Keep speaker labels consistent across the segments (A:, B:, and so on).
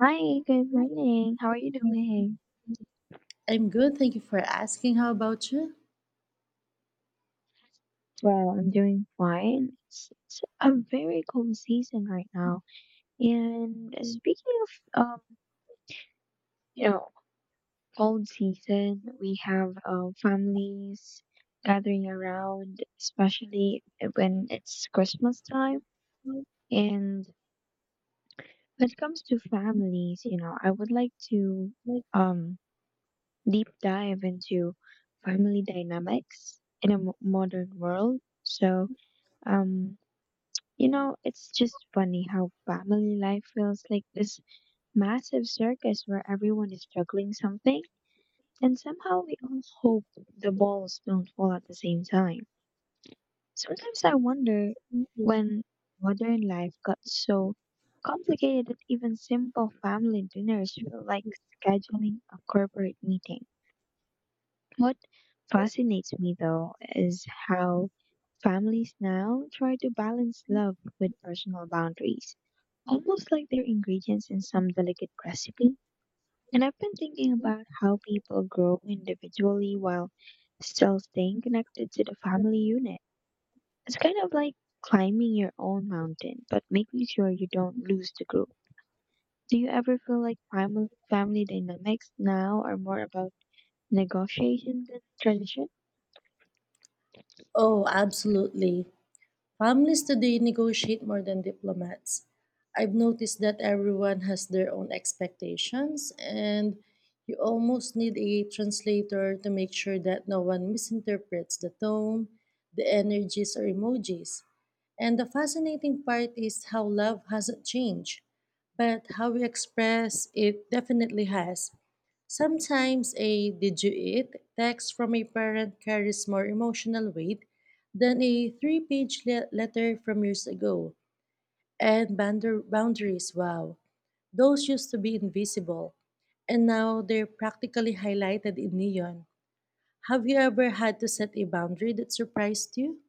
A: Hi, good morning. How are you doing?
B: I'm good. Thank you for asking. How about you?
A: Well, I'm doing fine. It's a very cold season right now. And speaking of, you know, cold season, we have families gathering around, especially when it's Christmas time. And when it comes to families, you know, I would like to um deep dive into family dynamics in a modern world. Um You know, it's just funny how family life feels like this massive circus where everyone is juggling something, and somehow we all hope the balls don't fall at the same time. Sometimes I wonder when modern life got so complicated that even simple family dinners feel like scheduling a corporate meeting. What fascinates me though is how families now try to balance love with personal boundaries almost like they're ingredients in some delicate recipe. And I've been thinking about how people grow individually while still staying connected to the family unit. It's kind of like climbing your own mountain, but making sure you don't lose the group. Do you ever feel like family dynamics now are more about negotiation than tradition?
B: Oh, absolutely. Families today negotiate more than diplomats. I've noticed that everyone has their own expectations, and you almost need a translator to make sure that no one misinterprets the tone, the energies, or emojis. And the fascinating part is how love hasn't changed, but how we express it definitely has. Sometimes a did you eat text from a parent carries more emotional weight than a three page letter from years ago. And boundaries, wow, those used to be invisible, and now they're practically highlighted in neon. Have you ever had to set a boundary that surprised you?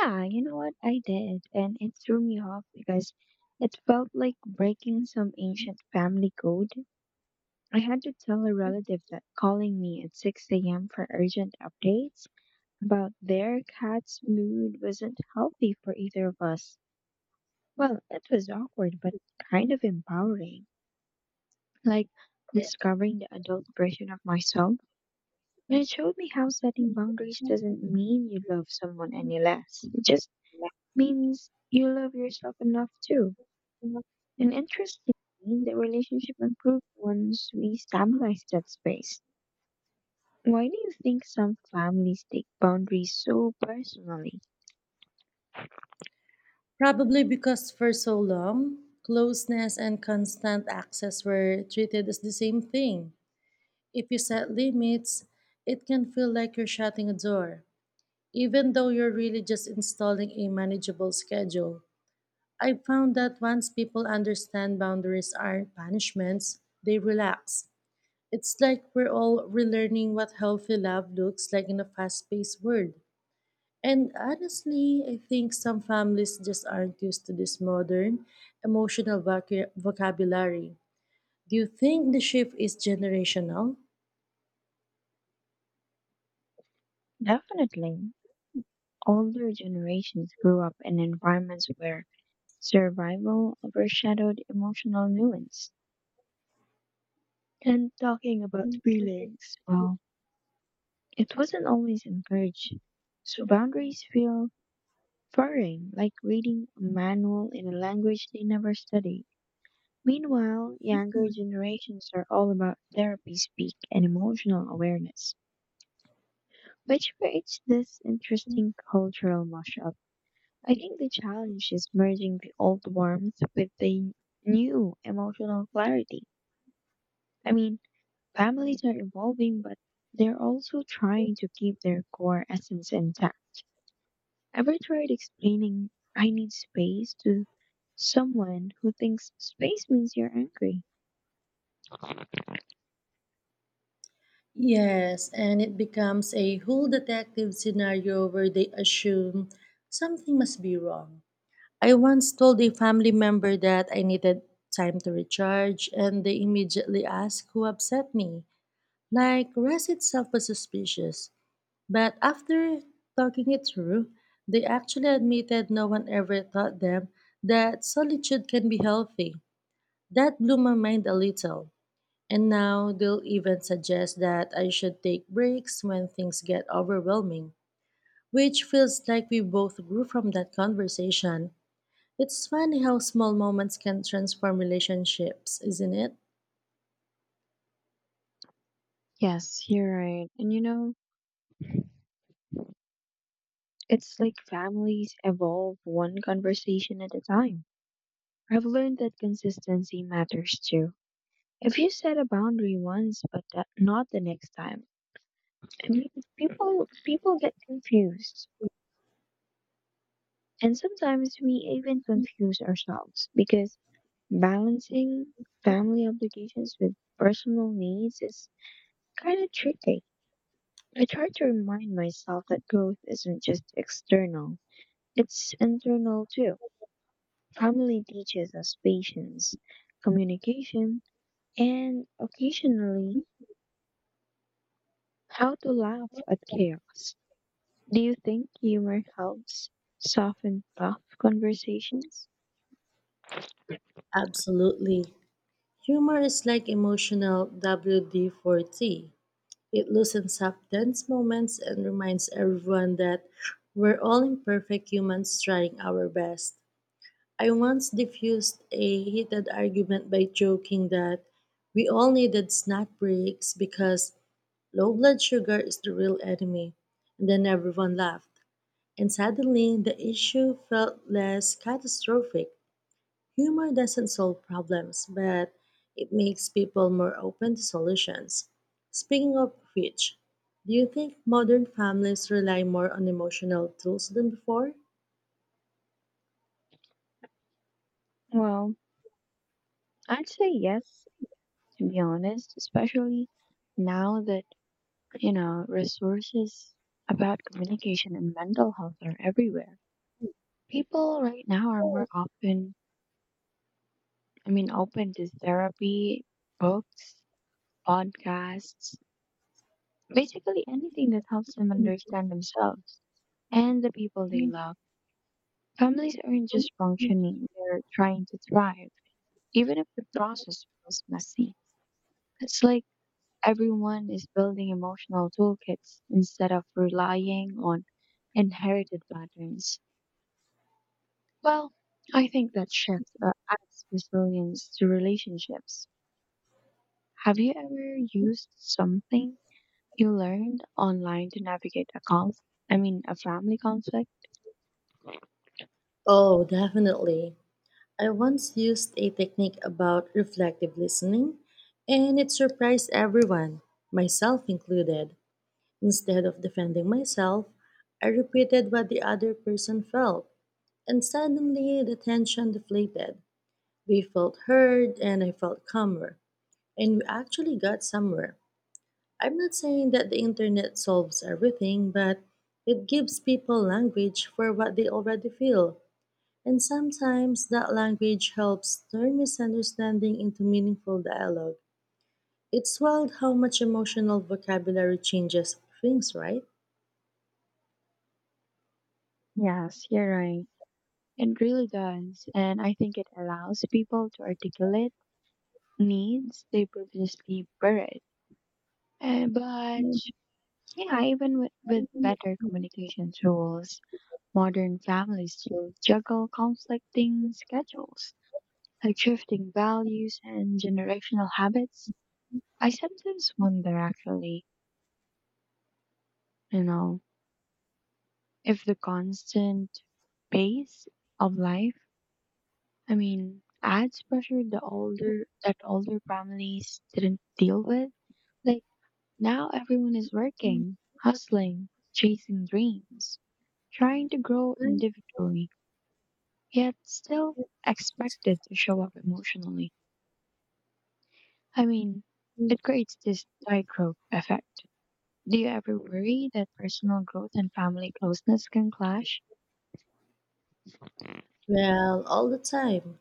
A: Yeah, you know what? I did, and it threw me off because it felt like breaking some ancient family code. I had to tell a relative that calling me at 6 a.m. for urgent updates about their cat's mood wasn't healthy for either of us. Well, it was awkward, but kind of empowering. Like discovering the adult version of myself. And it showed me how setting boundaries doesn't mean you love someone any less. It just means you love yourself enough too. And interestingly, the relationship improved once we stabilized that space. Why do you think some families take boundaries so personally?
B: Probably because for so long, closeness and constant access were treated as the same thing. If you set limits, it can feel like you're shutting a door, even though you're really just installing a manageable schedule. I found that once people understand boundaries aren't punishments, they relax. It's like we're all relearning what healthy love looks like in a fast paced world. And honestly, I think some families just aren't used to this modern, emotional vocabulary. Do you think the shift is generational?
A: Definitely. Older generations grew up in environments where survival overshadowed emotional nuance. And talking about feelings, well, it wasn't always encouraged. So boundaries feel foreign, like reading a manual in a language they never studied. Meanwhile, younger generations are all about therapy speak and emotional awareness, which creates this interesting cultural mashup. I think the challenge is merging the old warmth with the new emotional clarity. I mean, families are evolving, but they're also trying to keep their core essence intact. Ever tried explaining, I need space, to someone who thinks space means you're angry?
B: Yes, and it becomes a whole detective scenario where they assume something must be wrong. I once told a family member that I needed time to recharge, and they immediately asked who upset me. Like, rest itself was suspicious. But after talking it through, they actually admitted no one ever taught them that solitude can be healthy. That blew my mind a little. And now they'll even suggest that I should take breaks when things get overwhelming, which feels like we both grew from that conversation. It's funny how small moments can transform relationships, isn't it?
A: Yes, you're right. And you know, it's like families evolve one conversation at a time. I've learned that consistency matters too. If you set a boundary once, but that, not the next time, I mean, people get confused, and sometimes we even confuse ourselves because balancing family obligations with personal needs is kind of tricky. I try to remind myself that growth isn't just external; it's internal too. Family teaches us patience, communication, and occasionally how to laugh at chaos. Do you think humor helps soften tough conversations?
B: Absolutely. Humor is like emotional WD 40. It loosens up tense moments and reminds everyone that we're all imperfect humans trying our best. I once diffused a heated argument by joking that we all needed snack breaks because low blood sugar is the real enemy. And then everyone laughed. And suddenly, the issue felt less catastrophic. Humor doesn't solve problems, but it makes people more open to solutions. Speaking of which, do you think modern families rely more on emotional tools than before?
A: Well, I'd say yes, to be honest, especially now that, you know, resources about communication and mental health are everywhere. People right now are more often, I mean, open to therapy, books, podcasts, basically anything that helps them understand themselves and the people they love. Families aren't just functioning, they're trying to thrive, even if the process feels messy. It's like everyone is building emotional toolkits instead of relying on inherited patterns. Well, I think that shift adds resilience to relationships. Have you ever used something you learned online to navigate a I mean, a family conflict?
B: Oh, definitely. I once used a technique about reflective listening, and it surprised everyone, myself included. Instead of defending myself, I repeated what the other person felt, and suddenly the tension deflated. We felt heard, and I felt calmer, and we actually got somewhere. I'm not saying that the internet solves everything, but it gives people language for what they already feel. And sometimes that language helps turn misunderstanding into meaningful dialogue. It's wild how much emotional vocabulary changes things, right?
A: Yes, you're right. It really does, and I think it allows people to articulate needs they previously buried. But yeah, even with better communication tools, modern families still juggle conflicting schedules, like shifting values and generational habits. I sometimes wonder, actually, you know, if the constant pace of life, I mean, adds pressure the older families didn't deal with. Like now everyone is working, hustling, chasing dreams, trying to grow individually, yet still expected to show up emotionally. I mean, it creates this tightrope effect. Do you ever worry that personal growth and family closeness can clash?
B: Well, all the time.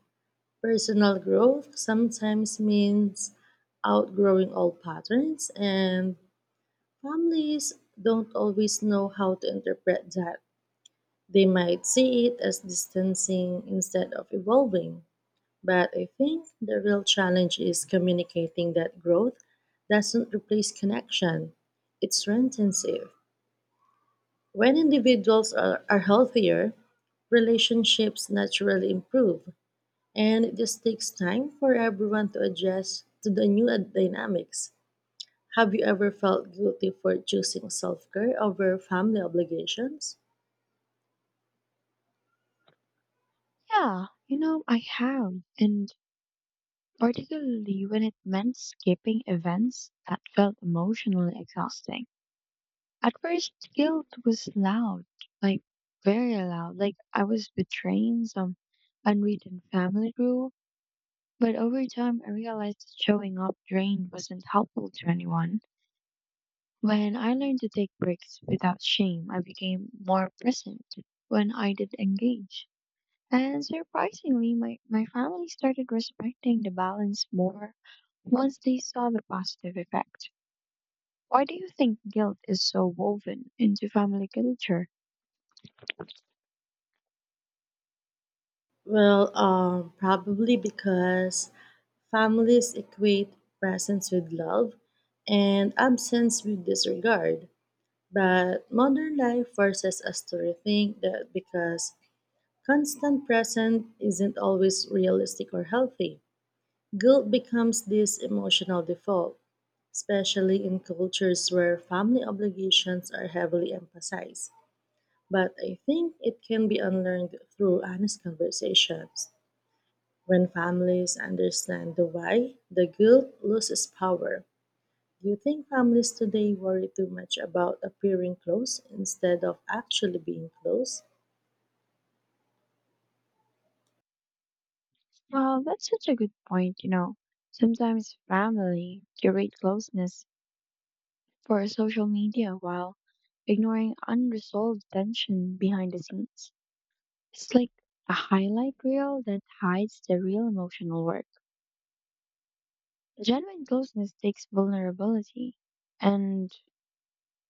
B: Personal growth sometimes means outgrowing old patterns, and families don't always know how to interpret that. They might see it as distancing instead of evolving. But I think the real challenge is communicating that growth doesn't replace connection, it strengthens it. When individuals are healthier, relationships naturally improve. And this takes time for everyone to adjust to the new dynamics. Have you ever felt guilty for choosing self care over family obligations?
A: Yeah, you know, I have. And particularly when it meant skipping events that felt emotionally exhausting. At first, guilt was loud, like very loud, like I was betraying some unwritten family rule. But over time, I realized that showing up drained wasn't helpful to anyone. When I learned to take breaks without shame, I became more present when I did engage. And surprisingly, my family started respecting the balance more once they saw the positive effect. Why do you think guilt is so woven into family culture?
B: Well, probably because families equate presence with love and absence with disregard. But modern life forces us to rethink that because constant presence isn't always realistic or healthy. Guilt becomes this emotional default, especially in cultures where family obligations are heavily emphasized. But I think it can be unlearned through honest conversations. When families understand the why, the guilt loses power. Do you think families today worry too much about appearing close instead of actually being close?
A: Well, that's such a good point, you know. Sometimes family curate closeness for social media while ignoring unresolved tension behind the scenes. It's like a highlight reel that hides the real emotional work. Genuine closeness takes vulnerability and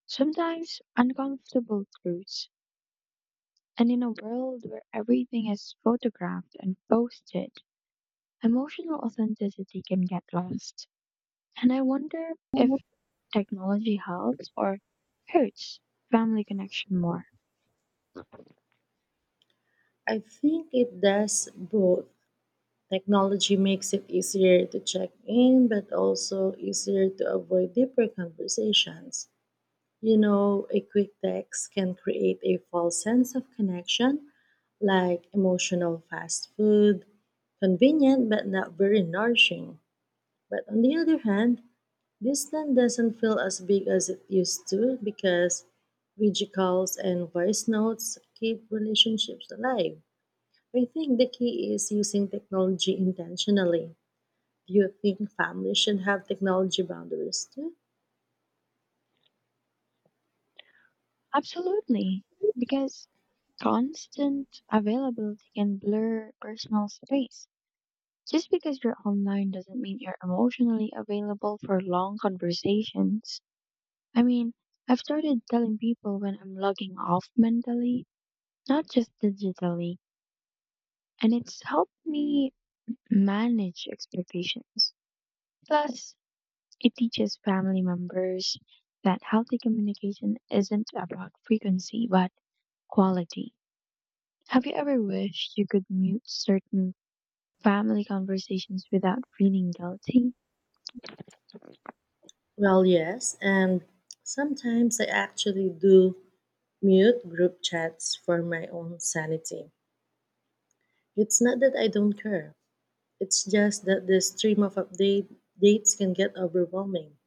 A: sometimes uncomfortable truths. And in a world where everything is photographed and posted, emotional authenticity can get lost. And I wonder if technology helps or hurts family connection more?
B: I think it does both. Technology makes it easier to check in, but also easier to avoid deeper conversations. You know, a quick text can create a false sense of connection, like emotional fast food, convenient but not very nourishing. But on the other hand, distance doesn't feel as big as it used to because video calls and voice notes keep relationships alive. I think the key is using technology intentionally. Do you think families should have technology boundaries too?
A: Absolutely, because constant availability can blur personal space. Just because you're online doesn't mean you're emotionally available for long conversations. I mean, I've started telling people when I'm logging off mentally, not just digitally, and it's helped me manage expectations. Plus, it teaches family members that healthy communication isn't about frequency but quality. Have you ever wished you could mute certain family conversations without feeling guilty?
B: Well, yes, and sometimes I actually do mute group chats for my own sanity. It's not that I don't care, it's just that the stream of update dates can get overwhelming.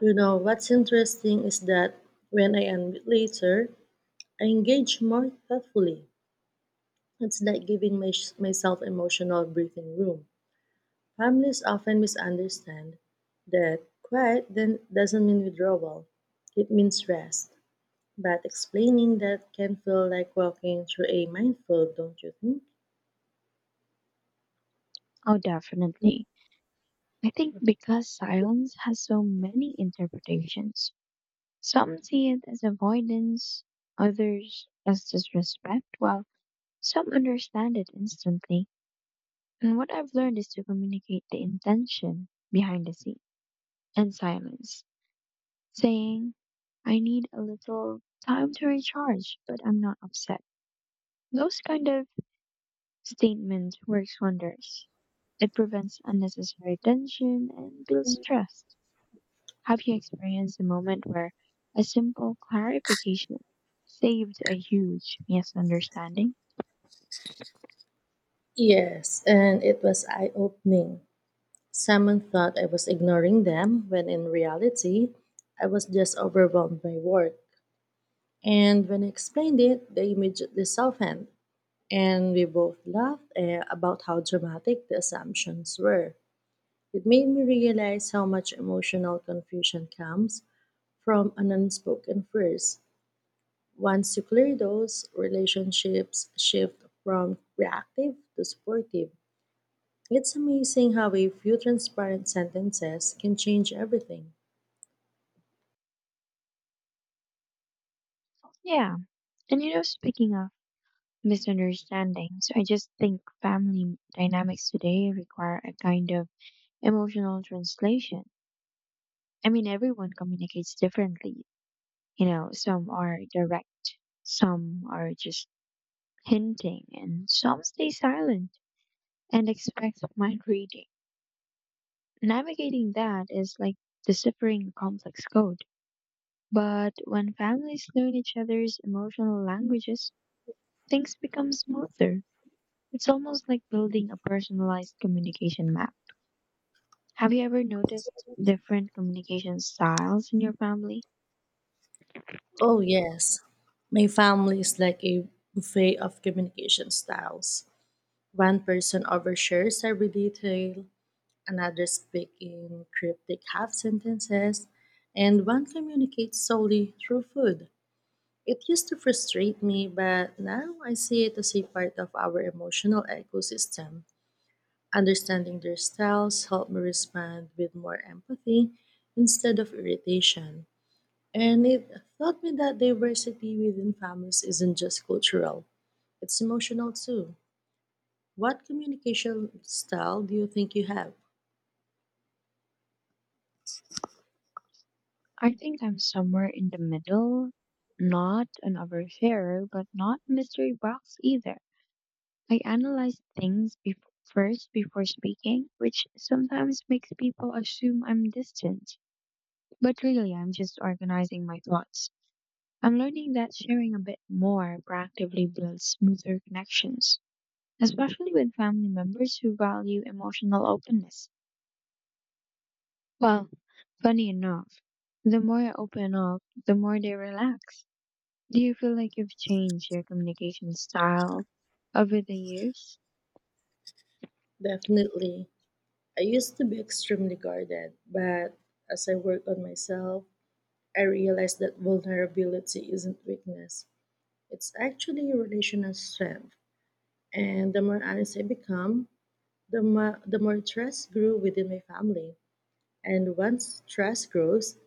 B: You know, what's interesting is that when I unmute later, I engage more thoughtfully. It's like giving myself emotional breathing room. Families often misunderstand that quiet then doesn't mean withdrawal. It means rest. But explaining that can feel like walking through a minefield, don't you think?
A: Oh, definitely. I think because silence has so many interpretations, some see it as avoidance, others as disrespect, while some understand it instantly. And what I've learned is to communicate the intention behind the scene and silence, saying, I need a little time to recharge, but I'm not upset. Those kind of statements works wonders. It prevents unnecessary tension and builds trust. Have you experienced a moment where a simple clarification saved a huge misunderstanding?
B: Yes, and it was eye opening. Someone thought I was ignoring them when in reality, I was just overwhelmed by work. And when I explained it, they immediately softened. And we both laughed about how dramatic the assumptions were. It made me realize how much emotional confusion comes from an unspoken phrase. Once you clear those, relationships shift from reactive to supportive. It's amazing how a few transparent sentences can change everything.
A: Yeah. And you know, speaking of misunderstandings, I just think family dynamics today require a kind of emotional translation. I mean, everyone communicates differently. You know, some are direct, some are just hinting, and some stay silent and expect mind reading. Navigating that is like deciphering a complex code. But when families learn each other's emotional languages, things become smoother. It's almost like building a personalized communication map. Have you ever noticed different communication styles in your family?
B: Oh, yes. My family is like a buffet of communication styles. One person overshares every detail, another others speak in cryptic half sentences, and one communicates solely through food. It used to frustrate me, but now I see it as a part of our emotional ecosystem. Understanding their styles helped me respond with more empathy instead of irritation. And it taught me that diversity within families isn't just cultural, it's emotional too. What communication style do you think you have?
A: I think I'm somewhere in the middle, not an oversharer, but not mystery box either. I analyze things bef first before speaking, which sometimes makes people assume I'm distant. But really, I'm just organizing my thoughts. I'm learning that sharing a bit more proactively builds smoother connections, especially with family members who value emotional openness. Well, funny enough, the more I open up, the more they relax. Do you feel like you've changed your communication style over the years?
B: Definitely. I used to be extremely guarded, but as I worked on myself, I realized that vulnerability isn't weakness. It's actually a relational strength. And the more honest I become, the more trust grew within my family. And once trust grows,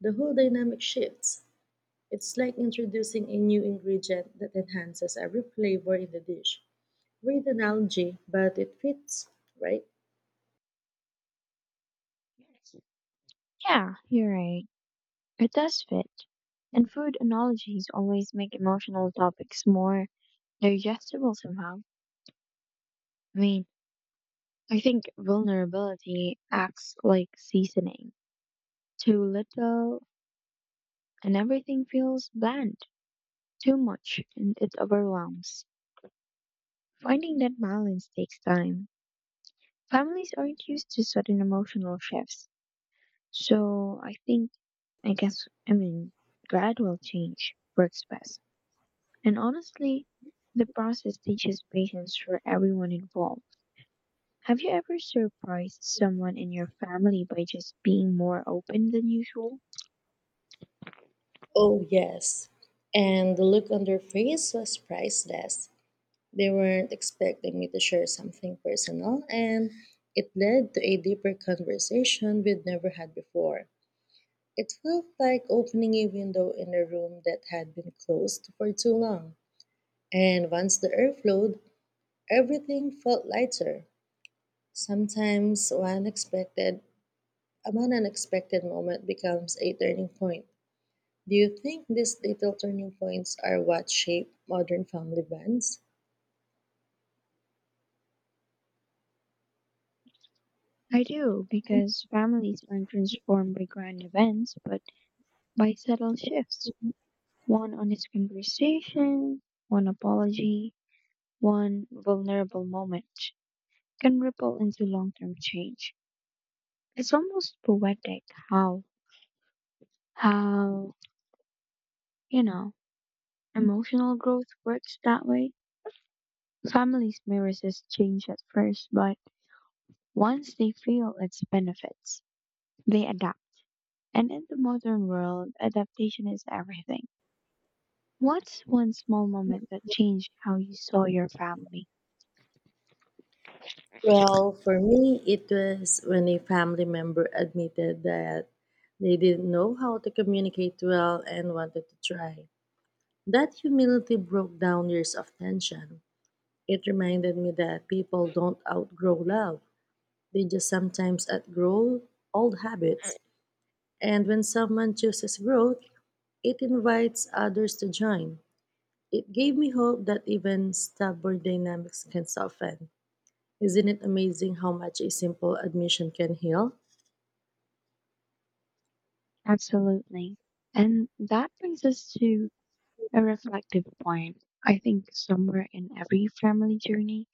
B: the whole dynamic shifts. It's like introducing a new ingredient that enhances every flavor in the dish. Weird analogy, but it fits, right?
A: Yeah, you're right. It does fit. And food analogies always make emotional topics more digestible somehow. I mean, I think vulnerability acts like seasoning. Too little, and everything feels bland. Too much, and it overwhelms. Finding that balance takes time. Families aren't used to sudden emotional shifts. So I think, I guess, I mean, gradual change works best. And honestly, the process teaches patience for everyone involved. Have you ever surprised someone in your family by just being more open than usual?
B: Oh, yes. And the look on their face was priceless. They weren't expecting me to share something personal, and it led to a deeper conversation we'd never had before. It felt like opening a window in a room that had been closed for too long. And once the air flowed, everything felt lighter. Sometimes one unexpected moment becomes a turning point. Do you think these little turning points are what shape modern family bonds?
A: I do, because families aren't transformed by grand events, but by subtle shifts. One honest conversation, one apology, one vulnerable moment can ripple into long term change. It's almost poetic how, how, you know, emotional growth works that way. Families may resist change at first, but once they feel its benefits, they adapt. And in the modern world, adaptation is everything. What's one small moment that changed how you saw your family?
B: Well, for me, it was when a family member admitted that they didn't know how to communicate well and wanted to try. That humility broke down years of tension. It reminded me that people don't outgrow love, they just sometimes outgrow old habits. And when someone chooses growth, it invites others to join. It gave me hope that even stubborn dynamics can soften. Isn't it amazing how much a simple admission can heal?
A: Absolutely. And that brings us to a reflective point. I think somewhere in every family journey,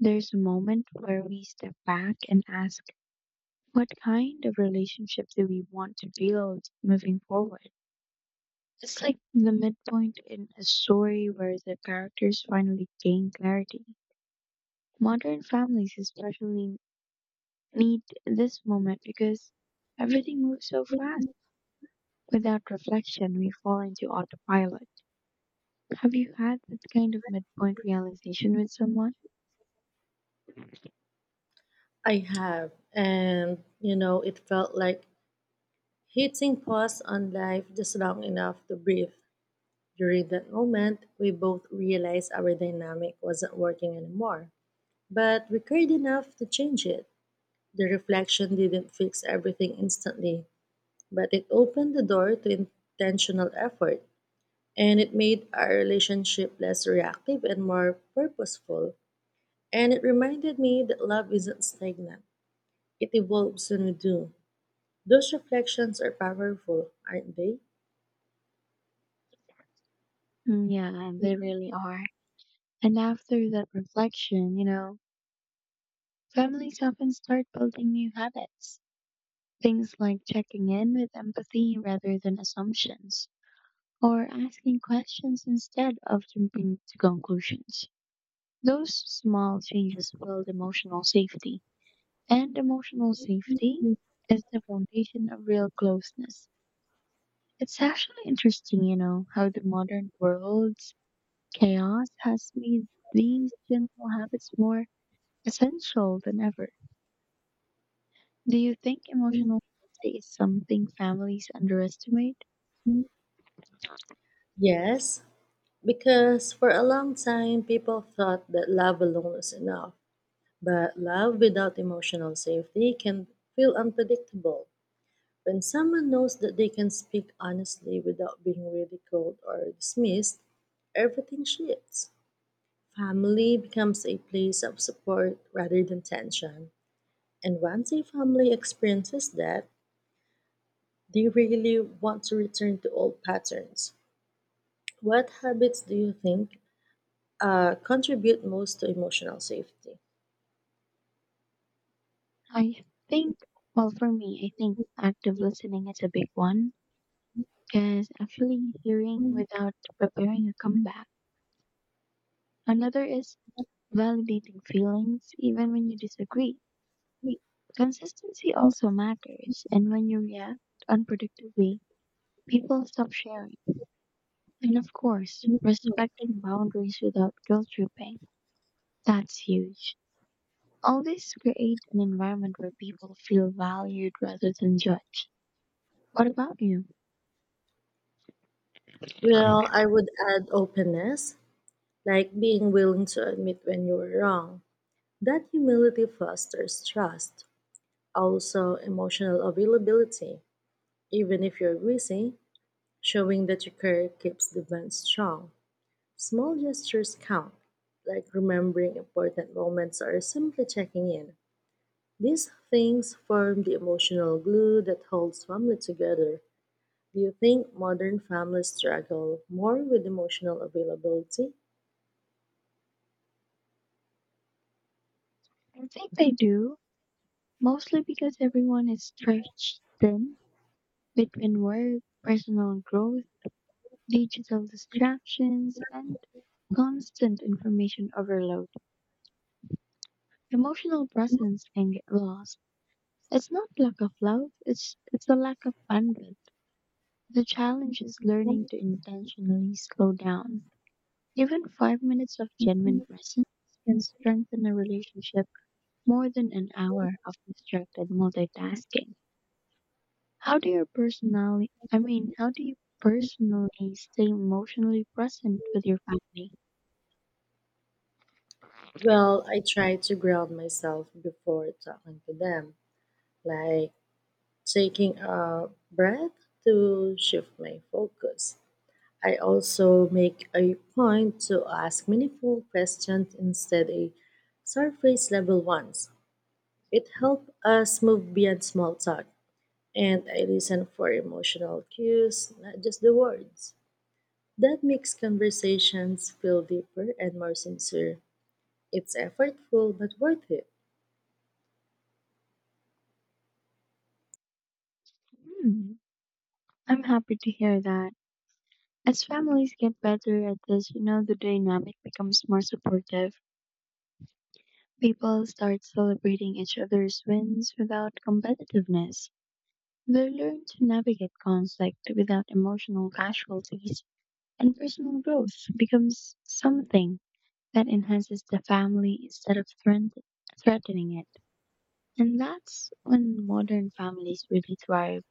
A: there's a moment where we step back and ask, what kind of relationship do we want to build moving forward? It's like the midpoint in a story where the characters finally gain clarity. Modern families especially need this moment because everything moves so fast. Without reflection, we fall into autopilot. Have you had that kind of midpoint realization with someone?
B: I have. And, you know, it felt like hitting pause on life just long enough to breathe. During that moment, we both realized our dynamic wasn't working anymore, but we cared enough to change it. The reflection didn't fix everything instantly, but it opened the door to intentional effort. And it made our relationship less reactive and more purposeful. And it reminded me that love isn't stagnant, it evolves when we do. Those reflections are powerful, aren't they?
A: Mm, yeah, they really are. And after that reflection, you know, families often start building new habits. Things like checking in with empathy rather than assumptions or asking questions instead of jumping to conclusions. Those small changes build emotional safety, and emotional safety is the foundation of real closeness. It's actually interesting, you know, how the modern world's chaos has made these gentle habits more essential than ever. Do you think emotional safety is something families underestimate?
B: Yes, because for a long time people thought that love alone was enough, but love without emotional safety can feel unpredictable. When someone knows that they can speak honestly without being ridiculed or dismissed, everything shifts. Family becomes a place of support rather than tension. And once a family experiences that, they really want to return to old patterns. What habits do you think contribute most to emotional safety?
A: I think, well, for me, I think active listening is a big one, is actually hearing without preparing a comeback. Another is validating feelings even when you disagree. Consistency also matters, and when you react unpredictably, people stop sharing. And of course, respecting boundaries without guilt tripping. That's huge. All this creates an environment where people feel valued rather than judged. What about you? I
B: Well, I would add openness, like being willing to admit when you were wrong. That humility fosters trust. Also, emotional availability. Even if you're busy, showing that you care keeps the bond strong. Small gestures count, like remembering important moments or simply checking in. These things form the emotional glue that holds family together. Do you think modern families struggle more with emotional availability?
A: think they do, mostly because everyone is stretched thin between work, personal growth, digital distractions, and constant information overload. Emotional presence can get lost. It's not lack of love, it's a lack of bandwidth. The challenge is learning to intentionally slow down. Even 5 minutes of genuine presence can strengthen a relationship more than an hour of distracted multitasking. How do you personally, I mean, how do you personally stay emotionally present with your family?
B: Well, I try to ground myself before talking to them, like taking a breath to shift my focus. I also make a point to ask meaningful questions instead of surface level ones. It helps us move beyond small talk, and I listen for emotional cues, not just the words. That makes conversations feel deeper and more sincere. It's effortful but worth it.
A: Hmm, I'm happy to hear that. As families get better at this, you know, the dynamic becomes more supportive. People start celebrating each other's wins without competitiveness. They learn to navigate conflict without emotional casualties, and personal growth becomes something that enhances the family instead of threatening it. And that's when modern families really thrive.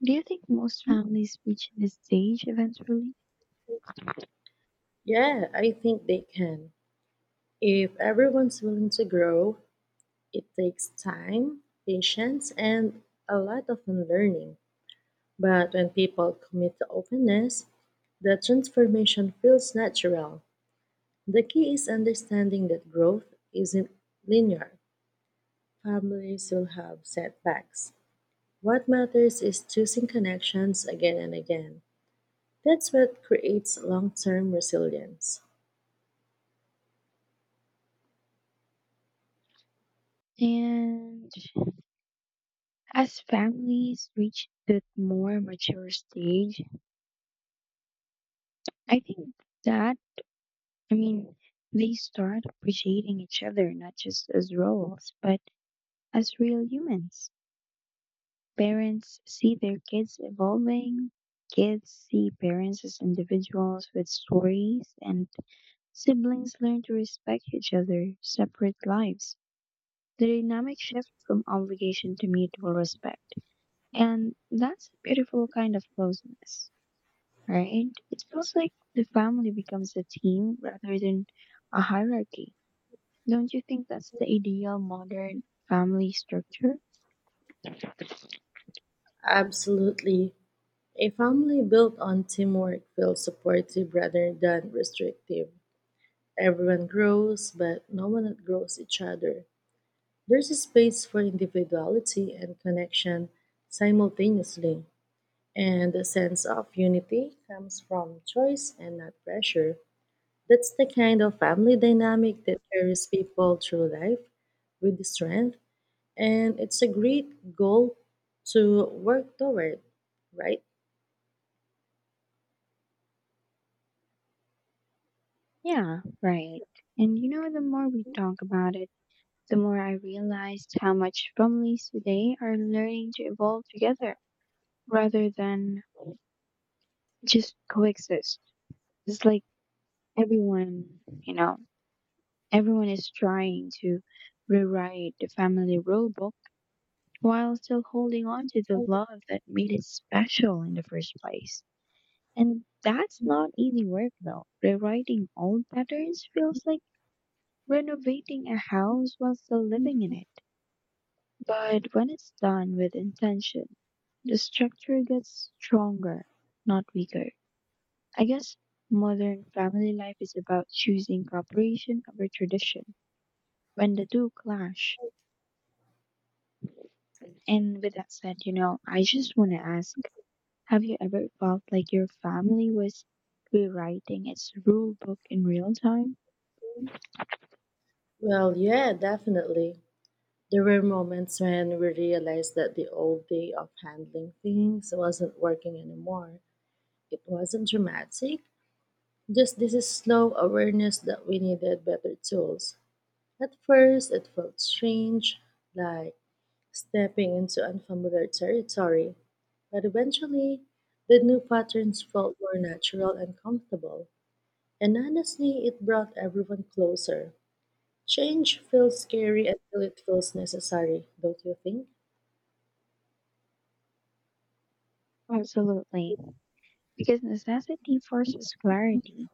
A: Do you think most families reach this stage eventually?
B: Yeah, I think they can. If everyone's willing to grow, it takes time, patience, and a lot of unlearning. But when people commit to openness, the transformation feels natural. The key is understanding that growth isn't linear. Families will have setbacks. What matters is choosing connections again and again. That's what creates long term resilience.
A: And as families reach that more mature stage, I think that, I mean, they start appreciating each other not just as roles, but as real humans. Parents see their kids evolving, kids see parents as individuals with stories, and siblings learn to respect each other, separate lives. The dynamic shift from obligation to mutual respect. And that's a beautiful kind of closeness, right? It feels like the family becomes a team rather than a hierarchy. Don't you think that's the ideal modern family structure?
B: Absolutely. A family built on teamwork feels supportive rather than restrictive. Everyone grows, but no one outgrows each other. There's a space for individuality and connection simultaneously, and a sense of unity comes from choice and not pressure. That's the kind of family dynamic that carries people through life with strength, and it's a great goal to work toward, right?
A: Yeah, right. And you know, the more we talk about it, the more I realized how much families today are learning to evolve together rather than just coexist. It's like everyone, you know, everyone is trying to rewrite the family rule book while still holding on to the love that made it special in the first place. And that's not easy work though. Rewriting old patterns feels like renovating a house while still living in it. But when it's done with intention, the structure gets stronger, not weaker. I guess modern family life is about choosing cooperation over tradition when the two clash. And with that said, you know, I just want to ask, have you ever felt like your family was rewriting its rule book in real time?
B: Well, yeah, definitely. There were moments when we realized that the old way of handling things wasn't working anymore. It wasn't dramatic, just this is slow awareness that we needed better tools. At first, it felt strange, like stepping into unfamiliar territory, but eventually, the new patterns felt more natural and comfortable. And honestly, it brought everyone closer. Change feels scary until it feels necessary, don't you think?
A: Absolutely. Because necessity forces clarity.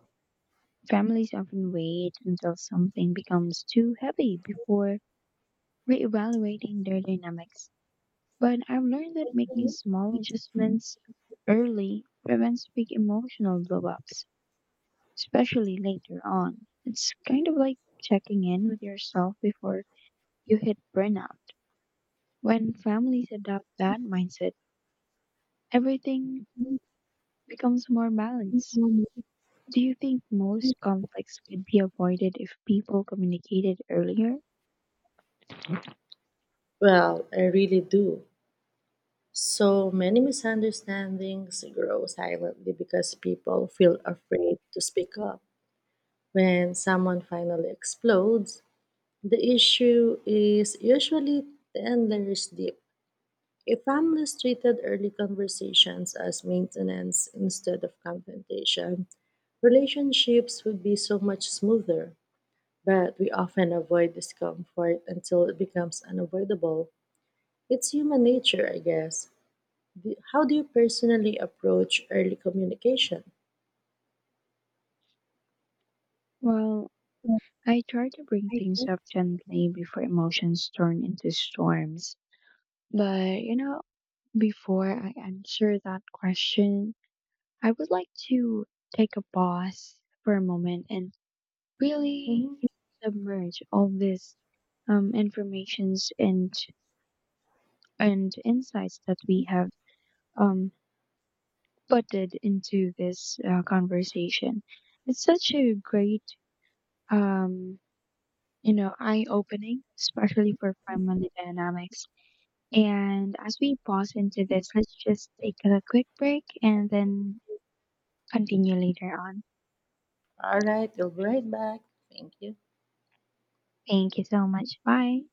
A: Families often wait until something becomes too heavy before reevaluating their dynamics. But I've learned that making small adjustments early prevents big emotional blowups, especially later on. It's kind of like checking in with yourself before you hit burnout. When families adopt that mindset, everything becomes more balanced. Do you think most conflicts could be avoided if people communicated earlier?
B: Well, I really do. So many misunderstandings grow silently because people feel afraid to speak up. When someone finally explodes, the issue is usually 10 layers deep. If families treated early conversations as maintenance instead of confrontation, relationships would be so much smoother. But we often avoid discomfort until it becomes unavoidable. It's human nature, I guess. How do you personally approach early communication?
A: Well, I try to bring
B: I
A: things
B: think.
A: up gently before emotions turn into storms. But, you know, before I answer that question, I would like to take a pause for a moment and really
B: Mhm.
A: submerge all this informations and insights that we have um, putted into this conversation. It's such a great, um, you know, eye-opening, especially for family dynamics. And as we pause into this, let's just take a quick break and then continue later on.
B: All right, we'll be right back. Thank you.
A: Thank you so much. Bye.